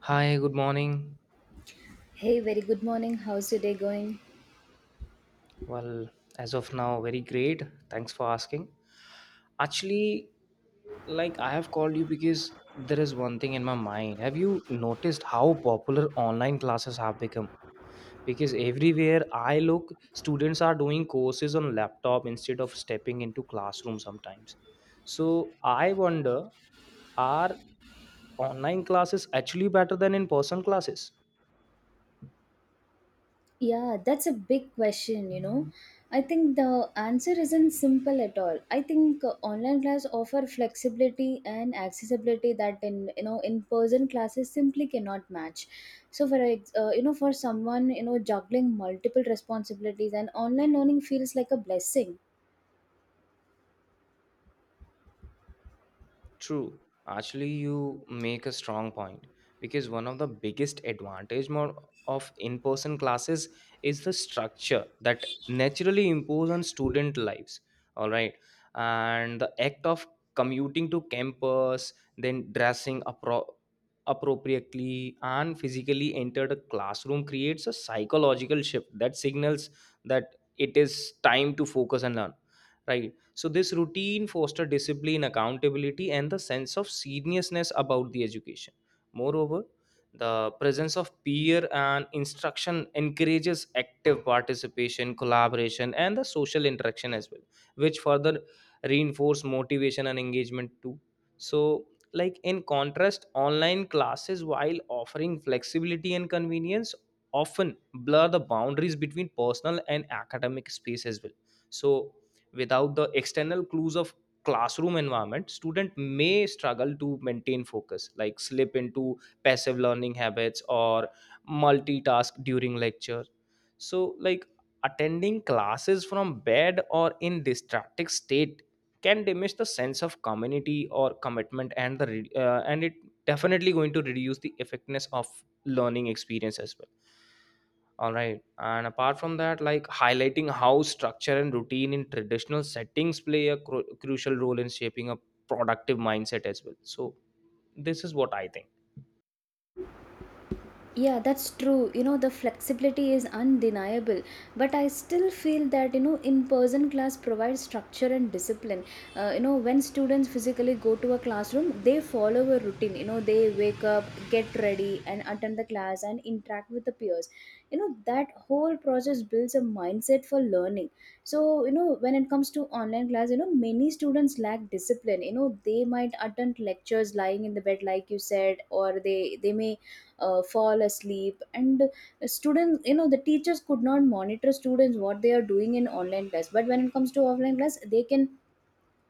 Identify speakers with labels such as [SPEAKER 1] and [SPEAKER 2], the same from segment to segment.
[SPEAKER 1] Hi, good morning.
[SPEAKER 2] Hey, very good morning. How's your day going?
[SPEAKER 1] Well, as of now, very great. Thanks for asking. Actually, like I have called you because there is one thing in my mind. Have you noticed how popular online classes have become? Because everywhere I look, students are doing courses on laptop instead of stepping into classroom sometimes. So I wonder, are online classes actually better than in-person classes?
[SPEAKER 2] Yeah, that's a big question, you know. I think the answer isn't simple at all. I think online class offer flexibility and accessibility that in you know in-person classes simply cannot match. So for someone juggling multiple responsibilities and online learning feels like a blessing.
[SPEAKER 1] True. Actually, you make a strong point because one of the biggest advantage more of in-person classes is the structure that naturally impose on student lives. All right, and the act of commuting to campus, then dressing appropriately, and physically enter the classroom creates a psychological shift that signals that it is time to focus and learn, right? So this routine foster discipline, accountability, and the sense of seriousness about the education. Moreover, the presence of peer and instruction encourages active participation, collaboration, and the social interaction as well, which further reinforce motivation and engagement too. So, like in contrast, online classes, while offering flexibility and convenience, often blur the boundaries between personal and academic space as well. So, without the external clues of classroom environment student may struggle to maintain focus like slip into passive learning habits or multitask during lecture, so like attending classes from bed or in distracted state can diminish the sense of community or commitment, and and it definitely going to reduce the effectiveness of learning experience as well, all right. And apart from that, like highlighting how structure and routine in traditional settings play a crucial role in shaping a productive mindset as well. So this is what I think.
[SPEAKER 2] Yeah, that's true. You know, the flexibility is undeniable. But I still feel that, you know, in person class provides structure and discipline. You know, when students physically go to a classroom, they follow a routine. You know, they wake up, get ready, and attend the class and interact with the peers. You know, that whole process builds a mindset for learning. So, you know, when it comes to online class, you know, many students lack discipline. You know, they might attend lectures lying in the bed, like you said, or they may fall asleep. And students, you know, the teachers could not monitor students what they are doing in online class. But when it comes to offline class, they can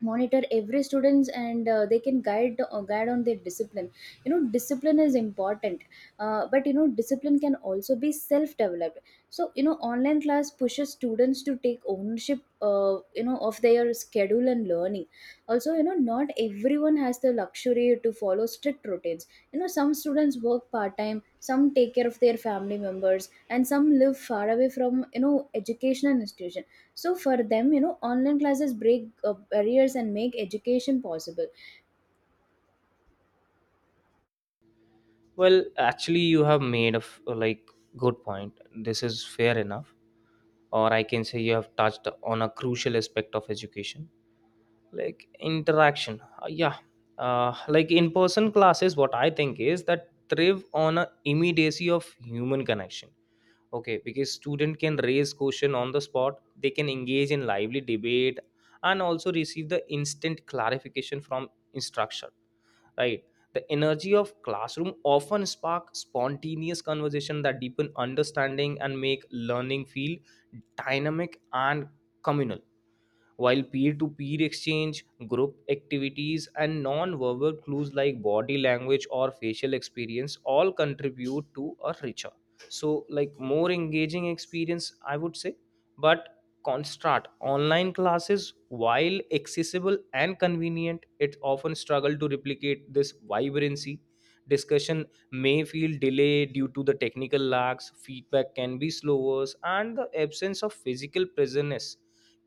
[SPEAKER 2] monitor every students, and they can guide on their discipline. You know, discipline is important. But, you know, discipline can also be self developed. So, you know, online class pushes students to take ownership, you know, of their schedule and learning. Also, you know, not everyone has the luxury to follow strict routines. You know, some students work part time, some take care of their family members, and some live far away from, you know, educational institution. So for them, you know, online classes break barriers and make education possible.
[SPEAKER 1] Well, actually, you have made a like good point. This is fair enough, or I can say you have touched on a crucial aspect of education, like interaction. Yeah, like in-person classes. What I think is that thrive on a immediacy of human connection, okay, because student can raise question on the spot, they can engage in lively debate and also receive the instant clarification from instruction, right? The energy of classroom often spark spontaneous conversation that deepen understanding and make learning feel dynamic and communal, while peer-to-peer exchange, group activities and non-verbal clues like body language or facial experience all contribute to a richer, so like more engaging experience I would say. But contrast, online classes, while accessible and convenient, it often struggle to replicate this vibrancy. Discussion may feel delayed due to the technical lags, feedback can be slower, and the absence of physical presence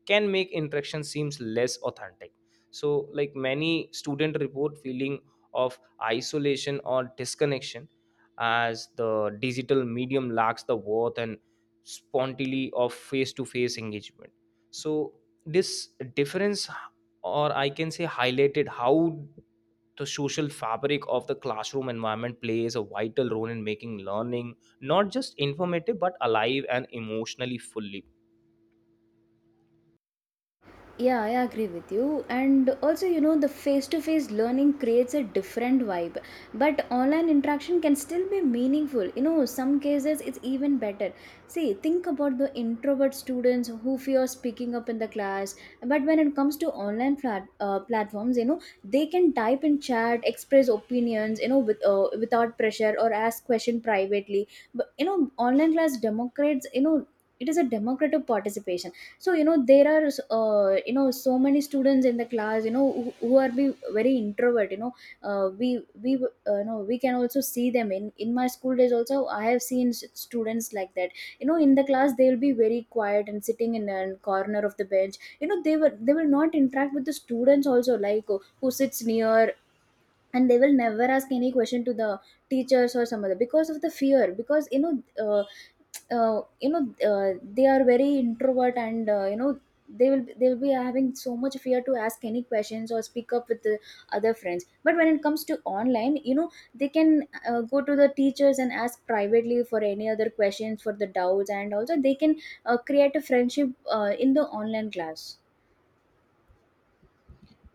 [SPEAKER 1] can make interaction seems less authentic. So like many student report feeling of isolation or disconnection, as the digital medium lacks the worth and spontaneity of face to face engagement. So this difference, or I can say highlighted how the social fabric of the classroom environment plays a vital role in making learning not just informative but alive and emotionally fully.
[SPEAKER 2] Yeah, I agree with you. And also, you know, the face to face learning creates a different vibe. But online interaction can still be meaningful. You know, some cases it's even better. See, think about the introvert students who fear speaking up in the class. But when it comes to platforms, you know, they can type in chat, express opinions, you know, without pressure, or ask question privately. But, you know, online class democrates, you know, it is a democratic participation. So, you know, there are, you know, so many students in the class, you know, who are be very introvert. You know, uh, we we you know, we can also see them in my school days. Also, I have seen students like that. You know, in the class, they will be very quiet and sitting in a corner of the bench. You know, they will not interact with the students also, like who sits near. And they will never ask any question to the teachers or some other, because of the fear. Because, you know, uh, uh, you know they are very introvert. And, you know, they will be having so much fear to ask any questions or speak up with the other friends. But when it comes to online, you know, they can, go to the teachers and ask privately for any other questions for the doubts. And also, they can create a friendship in the online class.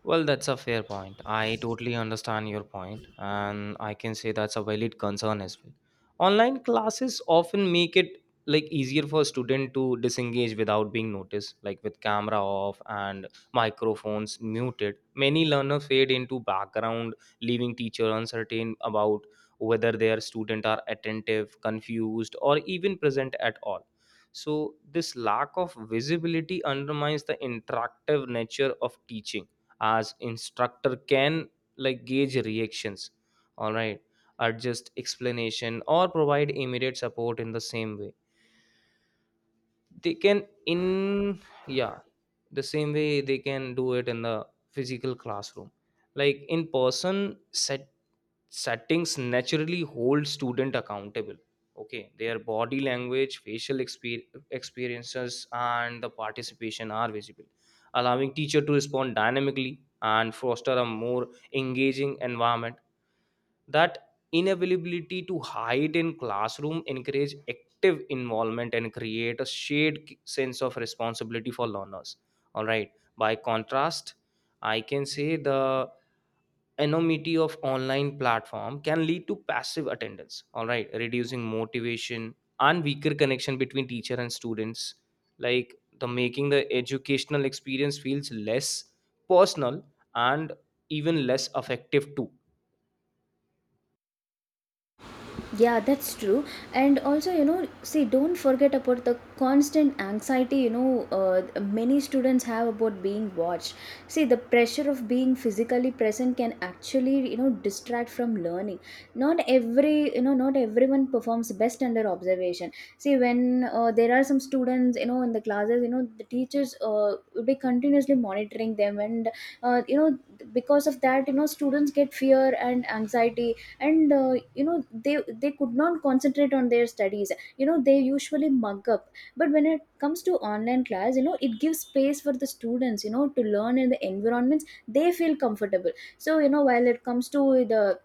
[SPEAKER 1] Well, that's a fair point. I totally understand your point, and I can say that's a valid concern as well. Online classes often make it like easier for a student to disengage without being noticed, like with camera off and microphones muted. Many learners fade into background, leaving teacher uncertain about whether their student are attentive, confused, or even present at all. So this lack of visibility undermines the interactive nature of teaching, as instructor can like gauge reactions, all right, adjust explanation or provide immediate support in the same way they can in, yeah, the same way they can do it in the physical classroom. Like in person settings naturally hold student accountable, okay, their body language, facial experiences and the participation are visible, allowing teacher to respond dynamically and foster a more engaging environment. That inability to hide in classroom encourage active involvement and create a shared sense of responsibility for learners, all right. By contrast, I can say the anonymity of online platform can lead to passive attendance, all right, reducing motivation and weaker connection between teacher and students, like the making the educational experience feels less personal and even less effective too.
[SPEAKER 2] Yeah, that's true. And also, you know, see, don't forget about the constant anxiety, you know. Many students have about being watched. See, the pressure of being physically present can actually, you know, distract from learning. Not everyone performs best under observation. See, when there are some students, you know, in the classes, you know, the teachers will be continuously monitoring them. And, you know, because of that, you know, students get fear and anxiety. And, you know, they could not concentrate on their studies. You know, they usually mug up. But when it comes to online class, you know, it gives space for the students, you know, to learn in the environments they feel comfortable. So, you know, while it comes to the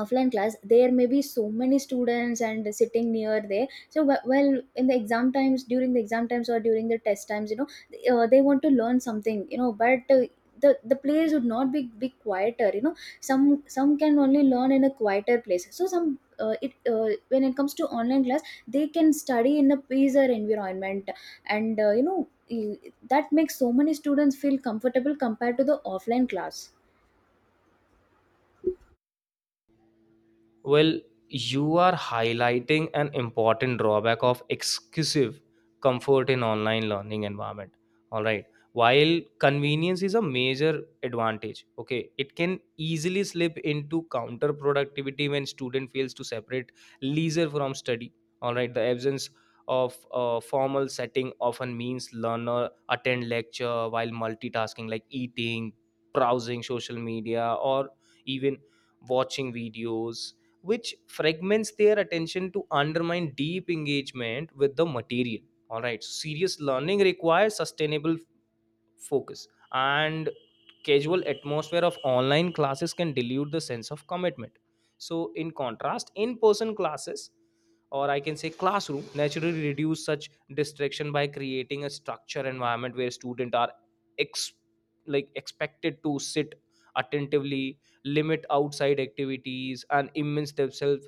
[SPEAKER 2] offline class, there may be so many students and sitting near there. So, well, in the exam times during the exam times or during the test times, you know, they want to learn something, you know. But the place would not be quieter, you know. Some can only learn in a quieter place. So some it when it comes to online class, they can study in a peacer environment. And, that makes so many students feel comfortable compared to the offline class.
[SPEAKER 1] Well, you are highlighting an important drawback of exclusive comfort in online learning environment. All right. While convenience is a major advantage, okay, it can easily slip into counterproductivity when student fails to separate leisure from study. All right, the absence of a formal setting often means learner attend lecture while multitasking like eating, browsing social media, or even watching videos, which fragments their attention to undermine deep engagement with the material. All right, so serious learning requires sustainable focus, and casual atmosphere of online classes can dilute the sense of commitment. So in contrast, in person classes, or I can say classroom naturally reduce such distraction by creating a structure environment where students are ex- like expected to sit attentively, limit outside activities and immerse themselves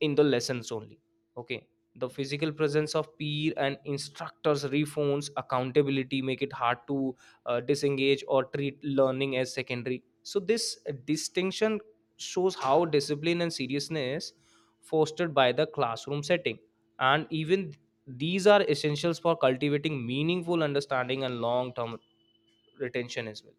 [SPEAKER 1] in the lessons only. Okay, the physical presence of peer and instructors reforms accountability, make it hard to disengage or treat learning as secondary. So this distinction shows how discipline and seriousness fostered by the classroom setting, and even these are essentials for cultivating meaningful understanding and long term retention as well.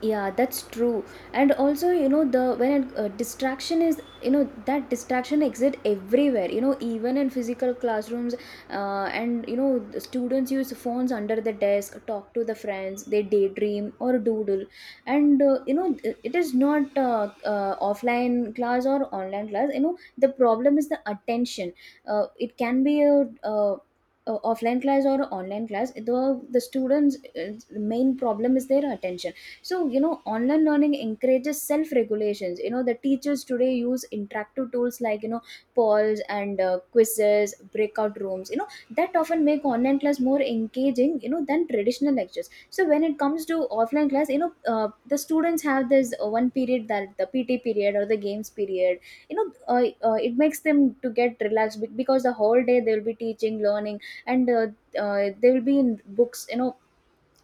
[SPEAKER 2] Yeah, that's true. And also, you know, the when distraction exists everywhere, you know, even in physical classrooms. And, you know, the students use phones under the desk, talk to the friends, they daydream or doodle. And, you know, it is not offline class or online class, you know, the problem is the attention. It can be a, offline class or online class, the students main problem is their attention. So, you know, online learning encourages self regulations. You know, the teachers today use interactive tools, like, you know, polls, and quizzes, breakout rooms, you know, that often make online class more engaging, you know, than traditional lectures. So when it comes to offline class, you know, the students have this, one period that the pt period or the games period, you know. It makes them to get relaxed, because the whole day they will be teaching learning. And, they will be in books, you know.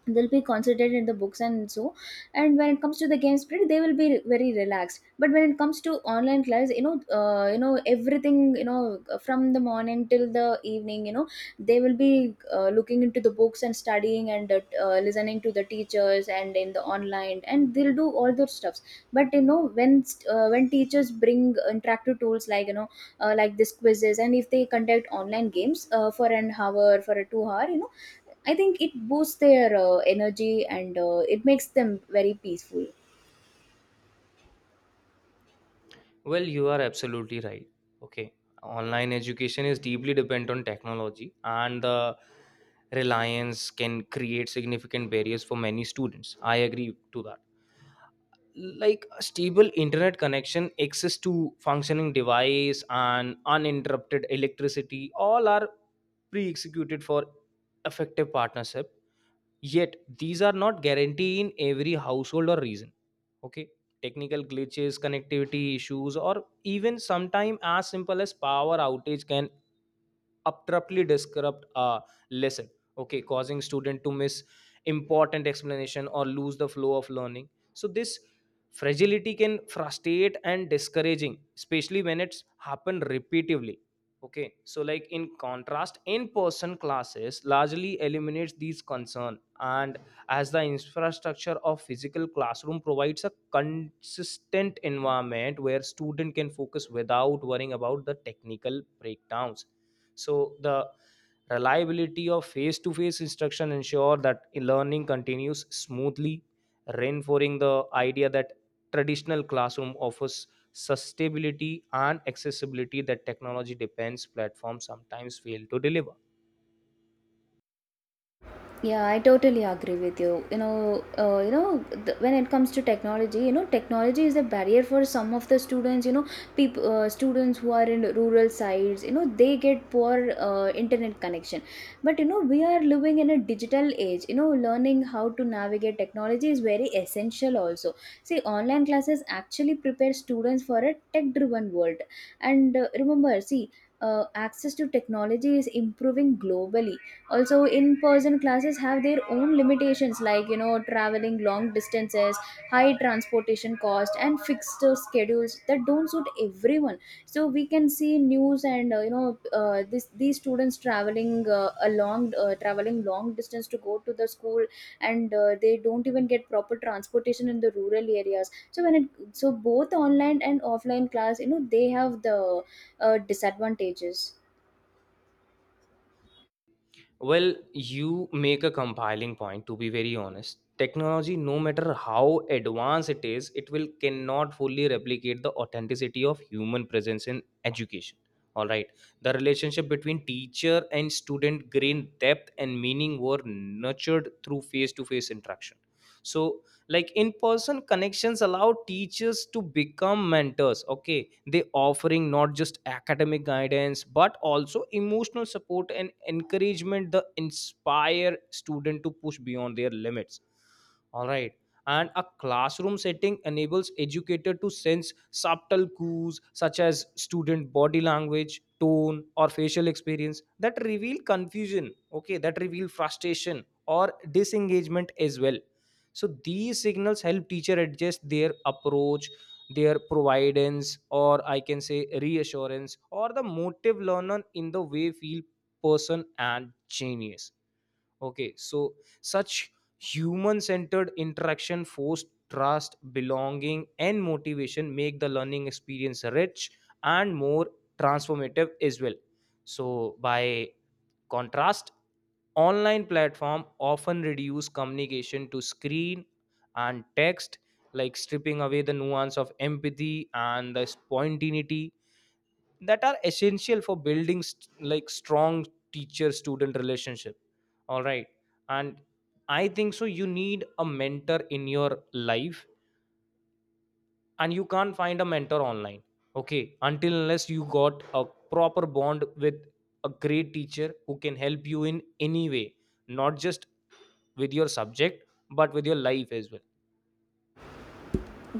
[SPEAKER 2] They'll be concentrated in the books and so. And when it comes to the game spirit, they will be very relaxed. But when it comes to online class, you know, you know, everything, you know, from the morning till the evening, you know, they will be, looking into the books and studying, and listening to the teachers and in the online, and they'll do all those stuffs. But, you know, when teachers bring interactive tools, like, you know, like this quizzes, and if they conduct online games for an hour, for a 2 hour, you know, I think it boosts their energy, and it makes them very peaceful.
[SPEAKER 1] Well, you are absolutely right. Okay. Online education is deeply dependent on technology, and the reliance can create significant barriers for many students. I agree to that. Like a stable internet connection, access to functioning device, and uninterrupted electricity, all are pre executed for effective partnership. Yet, these are not guaranteed in every household or region, okay. Technical glitches, connectivity issues or even sometime as simple as power outage can abruptly disrupt a lesson, okay, causing student to miss important explanation or lose the flow of learning. So this fragility can frustrate and discouraging, especially when it's happened repetitively, okay. So like in contrast, in person classes largely eliminates these concern, and as the infrastructure of physical classroom provides a consistent environment where student can focus without worrying about the technical breakdowns. So the reliability of face to face instruction ensure that learning continues smoothly, reinforcing the idea that traditional classroom offers sustainability and accessibility that technology depends platforms sometimes fail to deliver.
[SPEAKER 2] Yeah, I totally agree with you. You know, when it comes to technology, you know, technology is a barrier for some of the students. You know, students who are in rural sides, you know, they get poor internet connection. But, you know, we are living in a digital age. You know, learning how to navigate technology is very essential. Also, see, online classes actually prepare students for a tech-driven world. And remember, see. Access to technology is improving globally. Also, in person classes have their own limitations, like, you know, traveling long distances, high transportation cost, and fixed schedules that don't suit everyone. So we can see news, and you know this these students traveling long distance to go to the school. And they don't even get proper transportation in the rural areas. So when it so both online and offline class, you know, they have the disadvantages.
[SPEAKER 1] Well, you make a compiling point to be very honest. Technology, no matter how advanced it is, it will cannot fully replicate the authenticity of human presence in education. All right. The relationship between teacher and student gained depth and meaning were nurtured through face to face interaction. So like in person connections allow teachers to become mentors, okay, they offering not just academic guidance but also emotional support and encouragement that inspire student to push beyond their limits, all right. And a classroom setting enables educator to sense subtle cues such as student body language, tone or facial experience that reveal confusion, okay, that reveal frustration or disengagement as well. So these signals help teacher adjust their approach, their providence, or I can say reassurance or the motive learner in the way feel person and genius. Okay, so such human centered interaction forced trust, belonging, and motivation make the learning experience rich and more transformative as well. So, by contrast, online platform often reduce communication to screen and text, like stripping away the nuance of empathy and the spontaneity that are essential for building like strong teacher student relationship, all right. And I think so you need a mentor in your life, and you can't find a mentor online, okay, until unless you got a proper bond with a great teacher who can help you in any way, not just with your subject but with your life as well.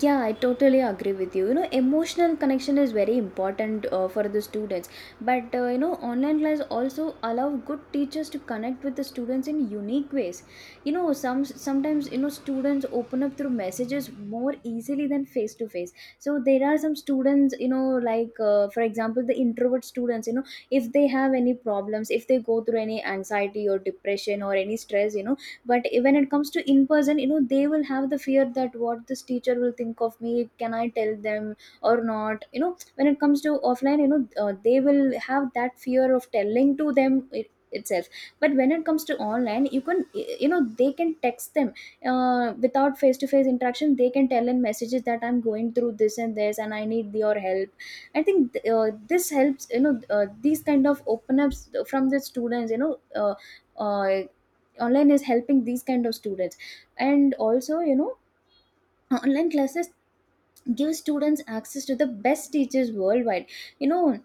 [SPEAKER 2] Yeah, I totally agree with you. You know, emotional connection is very important for the students. But, you know, online class also allow good teachers to connect with the students in unique ways. You know, sometimes, you know, students open up through messages more easily than face to face. So there are some students, you know, like for example, the introvert students. If they have any problems, if they go through any anxiety or depression or any stress, but when it comes to in person, they will have the fear that what this teacher will think of me. Can I tell them or not? When it comes to offline, they will have that fear of telling to them itself. But when it comes to online, you can, they can text them without face to face interaction. They can tell in messages that I'm going through this and this and I need your help. I think this helps, these kind of open ups from the students, uh, online is helping these kind of students. And also, online classes give students access to the best teachers worldwide. you know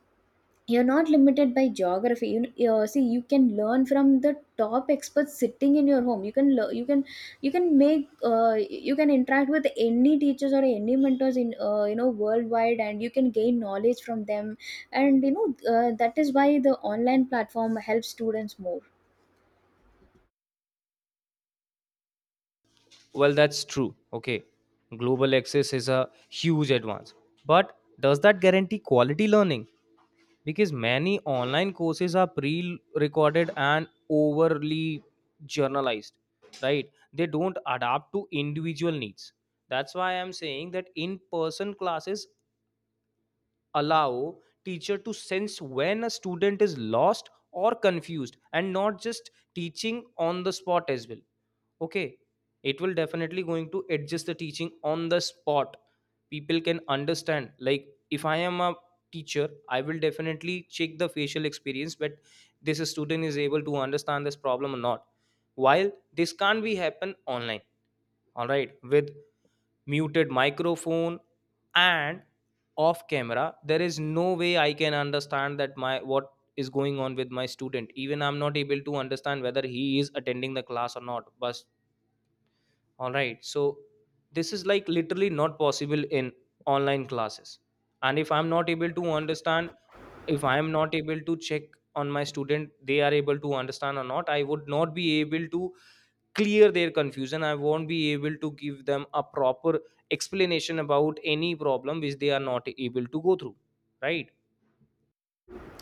[SPEAKER 2] you're not limited by geography. You see, you can learn from the top experts sitting in your home. You can learn, you can, you can make, you can interact with any teachers or any mentors in, worldwide, and you can gain knowledge from them. And that is why the online platform helps students more.
[SPEAKER 1] Well, that's true, okay. Global access is a huge advance, but does that guarantee quality learning? Because many online courses are pre-recorded and overly generalized, right? They don't adapt to individual needs. That's why I'm saying that in-person classes allow teacher to sense when a student is lost or confused and not just teaching on the spot as well. Okay, it will definitely going to adjust the teaching on the spot. People can understand, like if I am a teacher, I will definitely check the facial experience but this student is able to understand this problem or not, while this can't be happen online. All right, with muted microphone and off camera, there is no way I can understand that my what is going on with my student, even I'm not able to understand whether he is attending the class or not, but all right. So this is like literally not possible in online classes. And if I'm not able to understand, if I am not able to check on my student, they are able to understand or not, I would not be able to clear their confusion. I won't be able to give them a proper explanation about any problem which they are not able to go through. Right.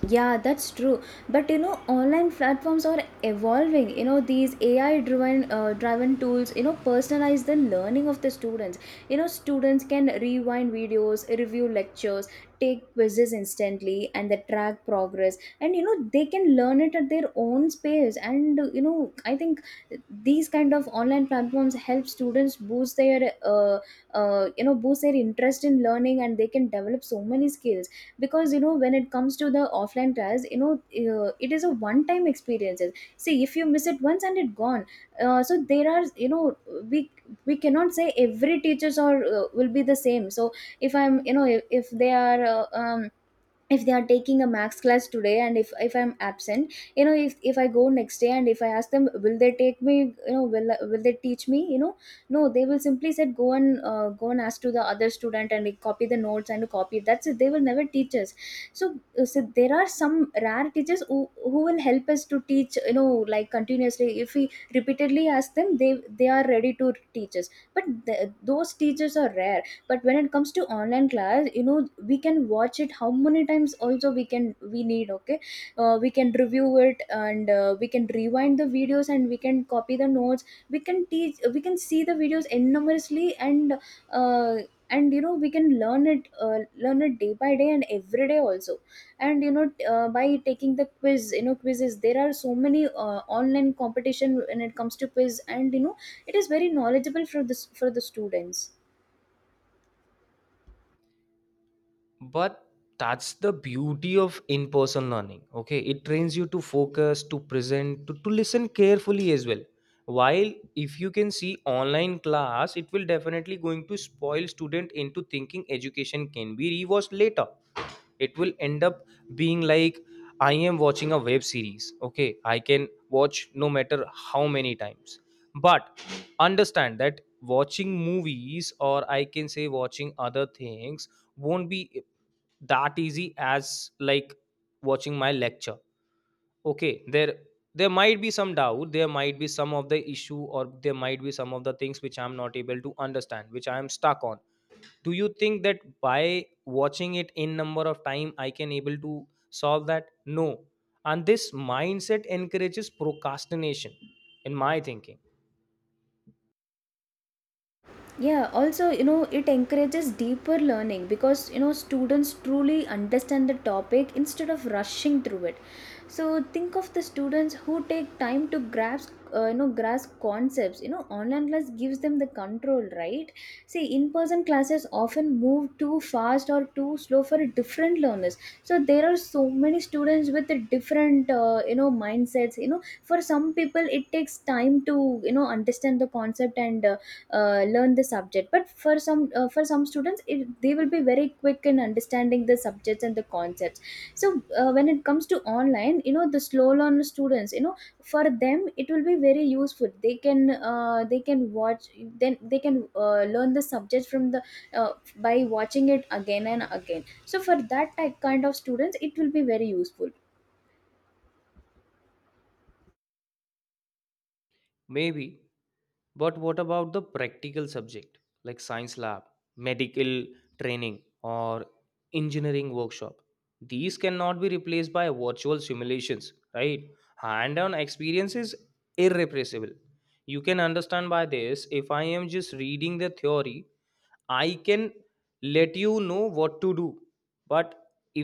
[SPEAKER 2] Yeah, that's true. But online platforms are evolving. These AI driven, driven tools, personalize the learning of the students. Students can rewind videos, review lectures, take quizzes instantly, and they track progress. And they can learn it at their own space. And I think these kind of online platforms help students boost their boost their interest in learning, and they can develop so many skills. Because when it comes to the offline trials, it is a one time experiences. See, if you miss it once and it gone. So there are, we we cannot say every teachers or will be the same. So if I'm, if they are if they are taking a max class today, and if I'm absent, if I go next day and if I ask them will they take me, will they teach me? No, they will simply said go and go and ask to the other student, and like copy the notes and copy. That's it, they will never teach us. So so there are some rare teachers who will help us to teach, like continuously, if we repeatedly ask them, they are ready to teach us. But those teachers are rare. But when it comes to online class, we can watch it how many times also. We can, we need. Okay. We can review it, and we can rewind the videos and we can copy the notes. We can teach, we can see the videos enormously. And, uh, and we can learn it, learn it day by day and every day also. And by taking the quiz, quizzes, there are so many online competition when it comes to quiz. And it is very knowledgeable for this, for the students.
[SPEAKER 1] But that's the beauty of in person learning. Okay, it trains you to focus, to present, to listen carefully as well. While if you can see online class, it will definitely going to spoil student into thinking education can be rewatched later. It will end up being like I am watching a web series. Okay, I can watch no matter how many times. But understand that watching movies, or I can say watching other things, won't be that easy as like watching my lecture. Okay, there might be some doubt, there might be some of the issue, or there might be some of the things which I'm not able to understand, which I am stuck on. Do you think that by watching it in number of time I can able to solve that? No. And this mindset encourages procrastination, in my thinking.
[SPEAKER 2] Yeah, also, it encourages deeper learning because, students truly understand the topic instead of rushing through it. So think of the students who take time to grasp, grasp concepts. Online class gives them the control, right? See, in-person classes often move too fast or too slow for different learners. So there are so many students with the different, mindsets. For some people, it takes time to, understand the concept and learn the subject. But for some, for some students it, they will be very quick in understanding the subjects and the concepts. So when it comes to online, the slow learn students, for them it will be very useful. They can, they can watch, then they can learn the subject from the, by watching it again and again. So for that type kind of students it will be very useful.
[SPEAKER 1] Maybe, but what about the practical subject, like science lab, medical training, or engineering workshop? These cannot be replaced by virtual simulations, right? Hand-on experience is irrepressible. You can understand by this, if I am just reading the theory, I can let you know what to do. But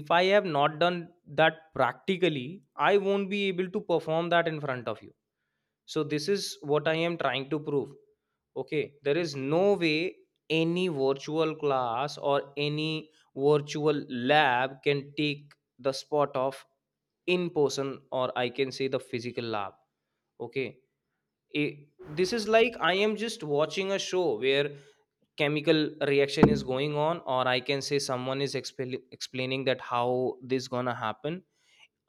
[SPEAKER 1] if I have not done that practically, I won't be able to perform that in front of you. So this is what I am trying to prove. Okay, there is no way any virtual class or any virtual lab can take the spot of in person, or I can say the physical lab. Okay, it, this is like I am just watching a show where chemical reaction is going on, or I can say someone is explaining that how this gonna happen.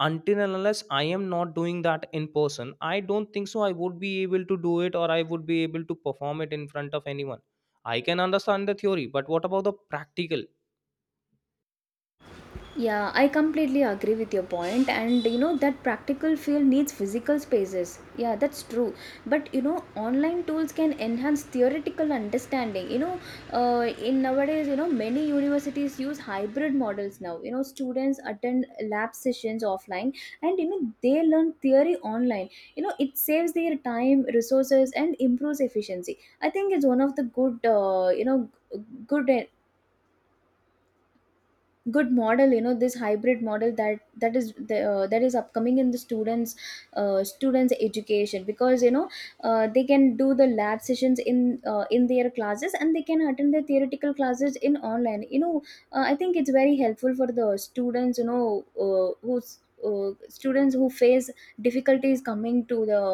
[SPEAKER 1] Until and unless I am not doing that in person, I don't think so I would be able to do it, or I would be able to perform it in front of anyone. I can understand the theory, but what about the practical?
[SPEAKER 2] Yeah, I completely agree with your point, and that practical field needs physical spaces. Yeah, that's true. But online tools can enhance theoretical understanding. In nowadays, many universities use hybrid models now. Students attend lab sessions offline, and they learn theory online. It saves their time, resources, and improves efficiency. I think it's one of the good, good good model, this hybrid model that is the, that is upcoming in the students, students education. Because they can do the lab sessions in, in their classes, and they can attend the theoretical classes in online, I think it's very helpful for the students, who's students who face difficulties coming to the,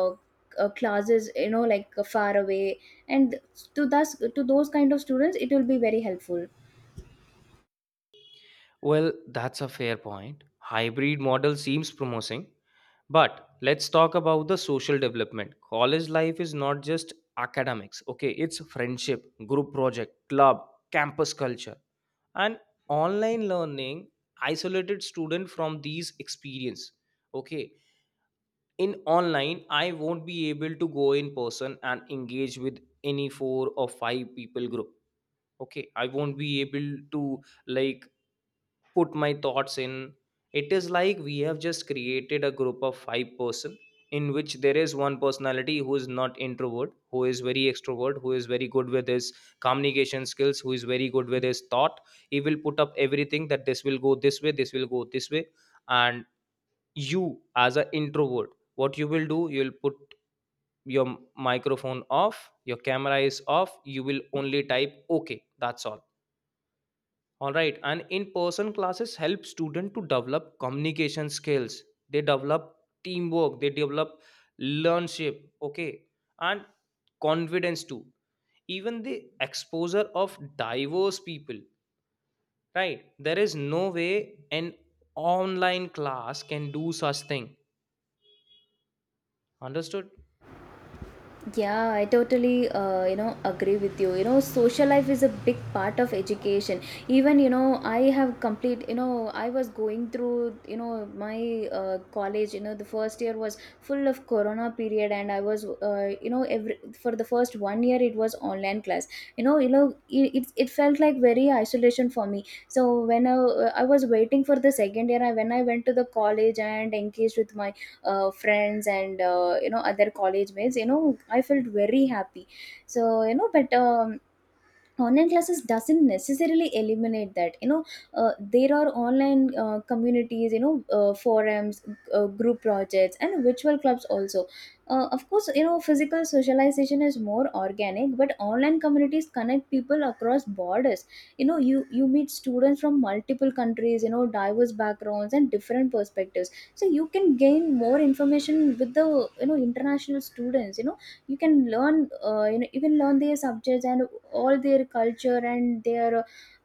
[SPEAKER 2] classes, like far away, and to those kind of students it will be very helpful.
[SPEAKER 1] Well, that's a fair point. Hybrid model seems promising, but let's talk about the social development. College life is not just academics. Okay, it's friendship, group project, club, campus culture, and online learning isolated student from these experience. Okay, in online I won't be able to go in person and engage with any four or five people group. Okay, I won't be able to, like, put my thoughts in. It is like we have just created a group of five person, in which there is one personality who is not introvert, who is very extrovert, who is very good with his communication skills, who is very good with his thought. He will put up everything, that this will go this way, this will go this way. And you, as an introvert, what you will do? You'll put your microphone off, your camera is off, you will only type. Okay, that's all. All right, and in-person classes help students to develop communication skills. They develop teamwork. They develop leadership. Okay, and confidence too. Even the exposure of diverse people. Right, there is no way an online class can do such thing. Understood?
[SPEAKER 2] Yeah, I totally, agree with you. Social life is a big part of education. Even, I have complete, I was going through, my college, the first year was full of corona period, and I was, every, for the first one year it was online class. It felt like very isolation for me. So when I was waiting for the second year, I, when I went to the college and engaged with my friends and other college mates, I felt very happy. So you know but online classes doesn't necessarily eliminate that. There are online, communities, forums, group projects, and virtual clubs also. Of course, physical socialization is more organic, but online communities connect people across borders. You meet students from multiple countries, diverse backgrounds and different perspectives. So you can gain more information with the, international students. You can learn, you can learn their subjects and all their culture and their,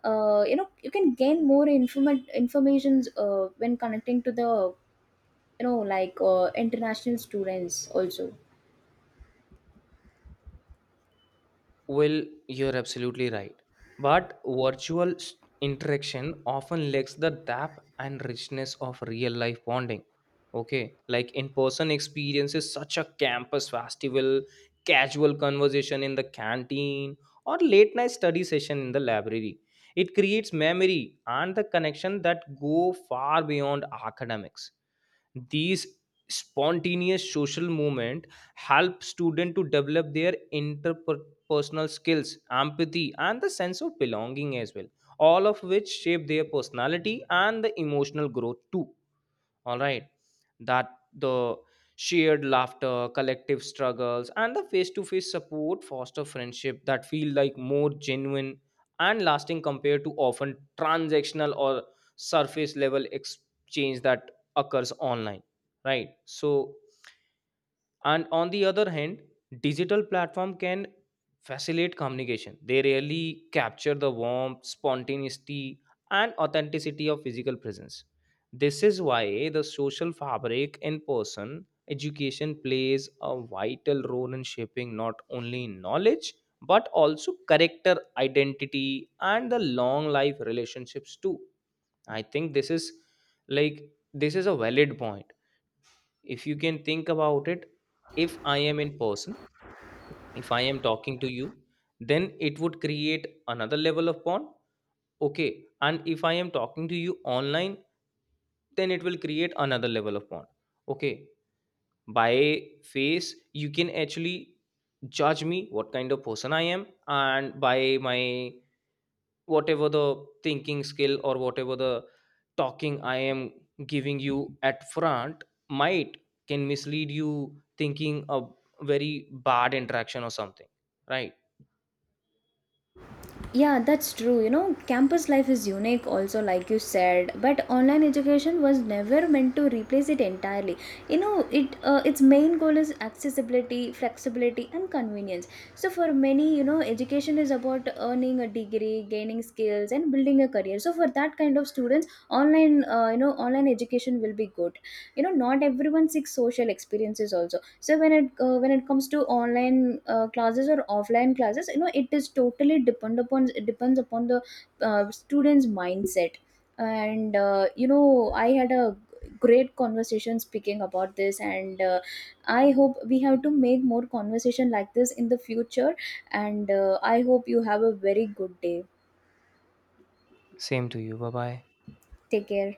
[SPEAKER 2] you can gain more informations when connecting to the, like, international students also.
[SPEAKER 1] Well, you're absolutely right. But interaction often lacks the depth and richness of real life bonding. Okay, like in person experiences, such a campus festival, casual conversation in the canteen, or late night study session in the library. It creates memory and the connection that go far beyond academics. These spontaneous social movement help students to develop their personal skills, empathy, and the sense of belonging as well, all of which shape their personality and the emotional growth too. All right, that the shared laughter, collective struggles, and the face to face support foster friendship that feel like more genuine and lasting compared to often transactional or surface level exchange that occurs online. Right, so, and on the other hand, digital platform can facilitate communication, they really capture the warmth, spontaneity, and authenticity of physical presence. This is why the social fabric in person education plays a vital role in shaping not only knowledge, but also character, identity, and the long life relationships too. I think this is, like, this is a valid point. If you can think about it, if I am in person, if I am talking to you, then it would create another level of bond. Okay, and if I am talking to you online, then it will create another level of bond. Okay, by face you can actually judge me what kind of person I am, and by my whatever the thinking skill, or whatever the talking I am giving you at front, might can mislead you, thinking a very bad interaction or something, right?
[SPEAKER 2] Yeah, that's true. Campus life is unique, also, like you said. But online education was never meant to replace it entirely. You know, it Its main goal is accessibility, flexibility, and convenience. So for many, education is about earning a degree, gaining skills, and building a career. So for that kind of students, online, online education will be good. Not everyone seeks social experiences also. So when it comes to online, classes or offline classes, it is totally depend upon, it depends upon the student's mindset. And I had a great conversation speaking about this, and I hope we have to make more conversation like this in the future. And I hope you have a very good day.
[SPEAKER 1] Same to you, bye bye.
[SPEAKER 2] Take care.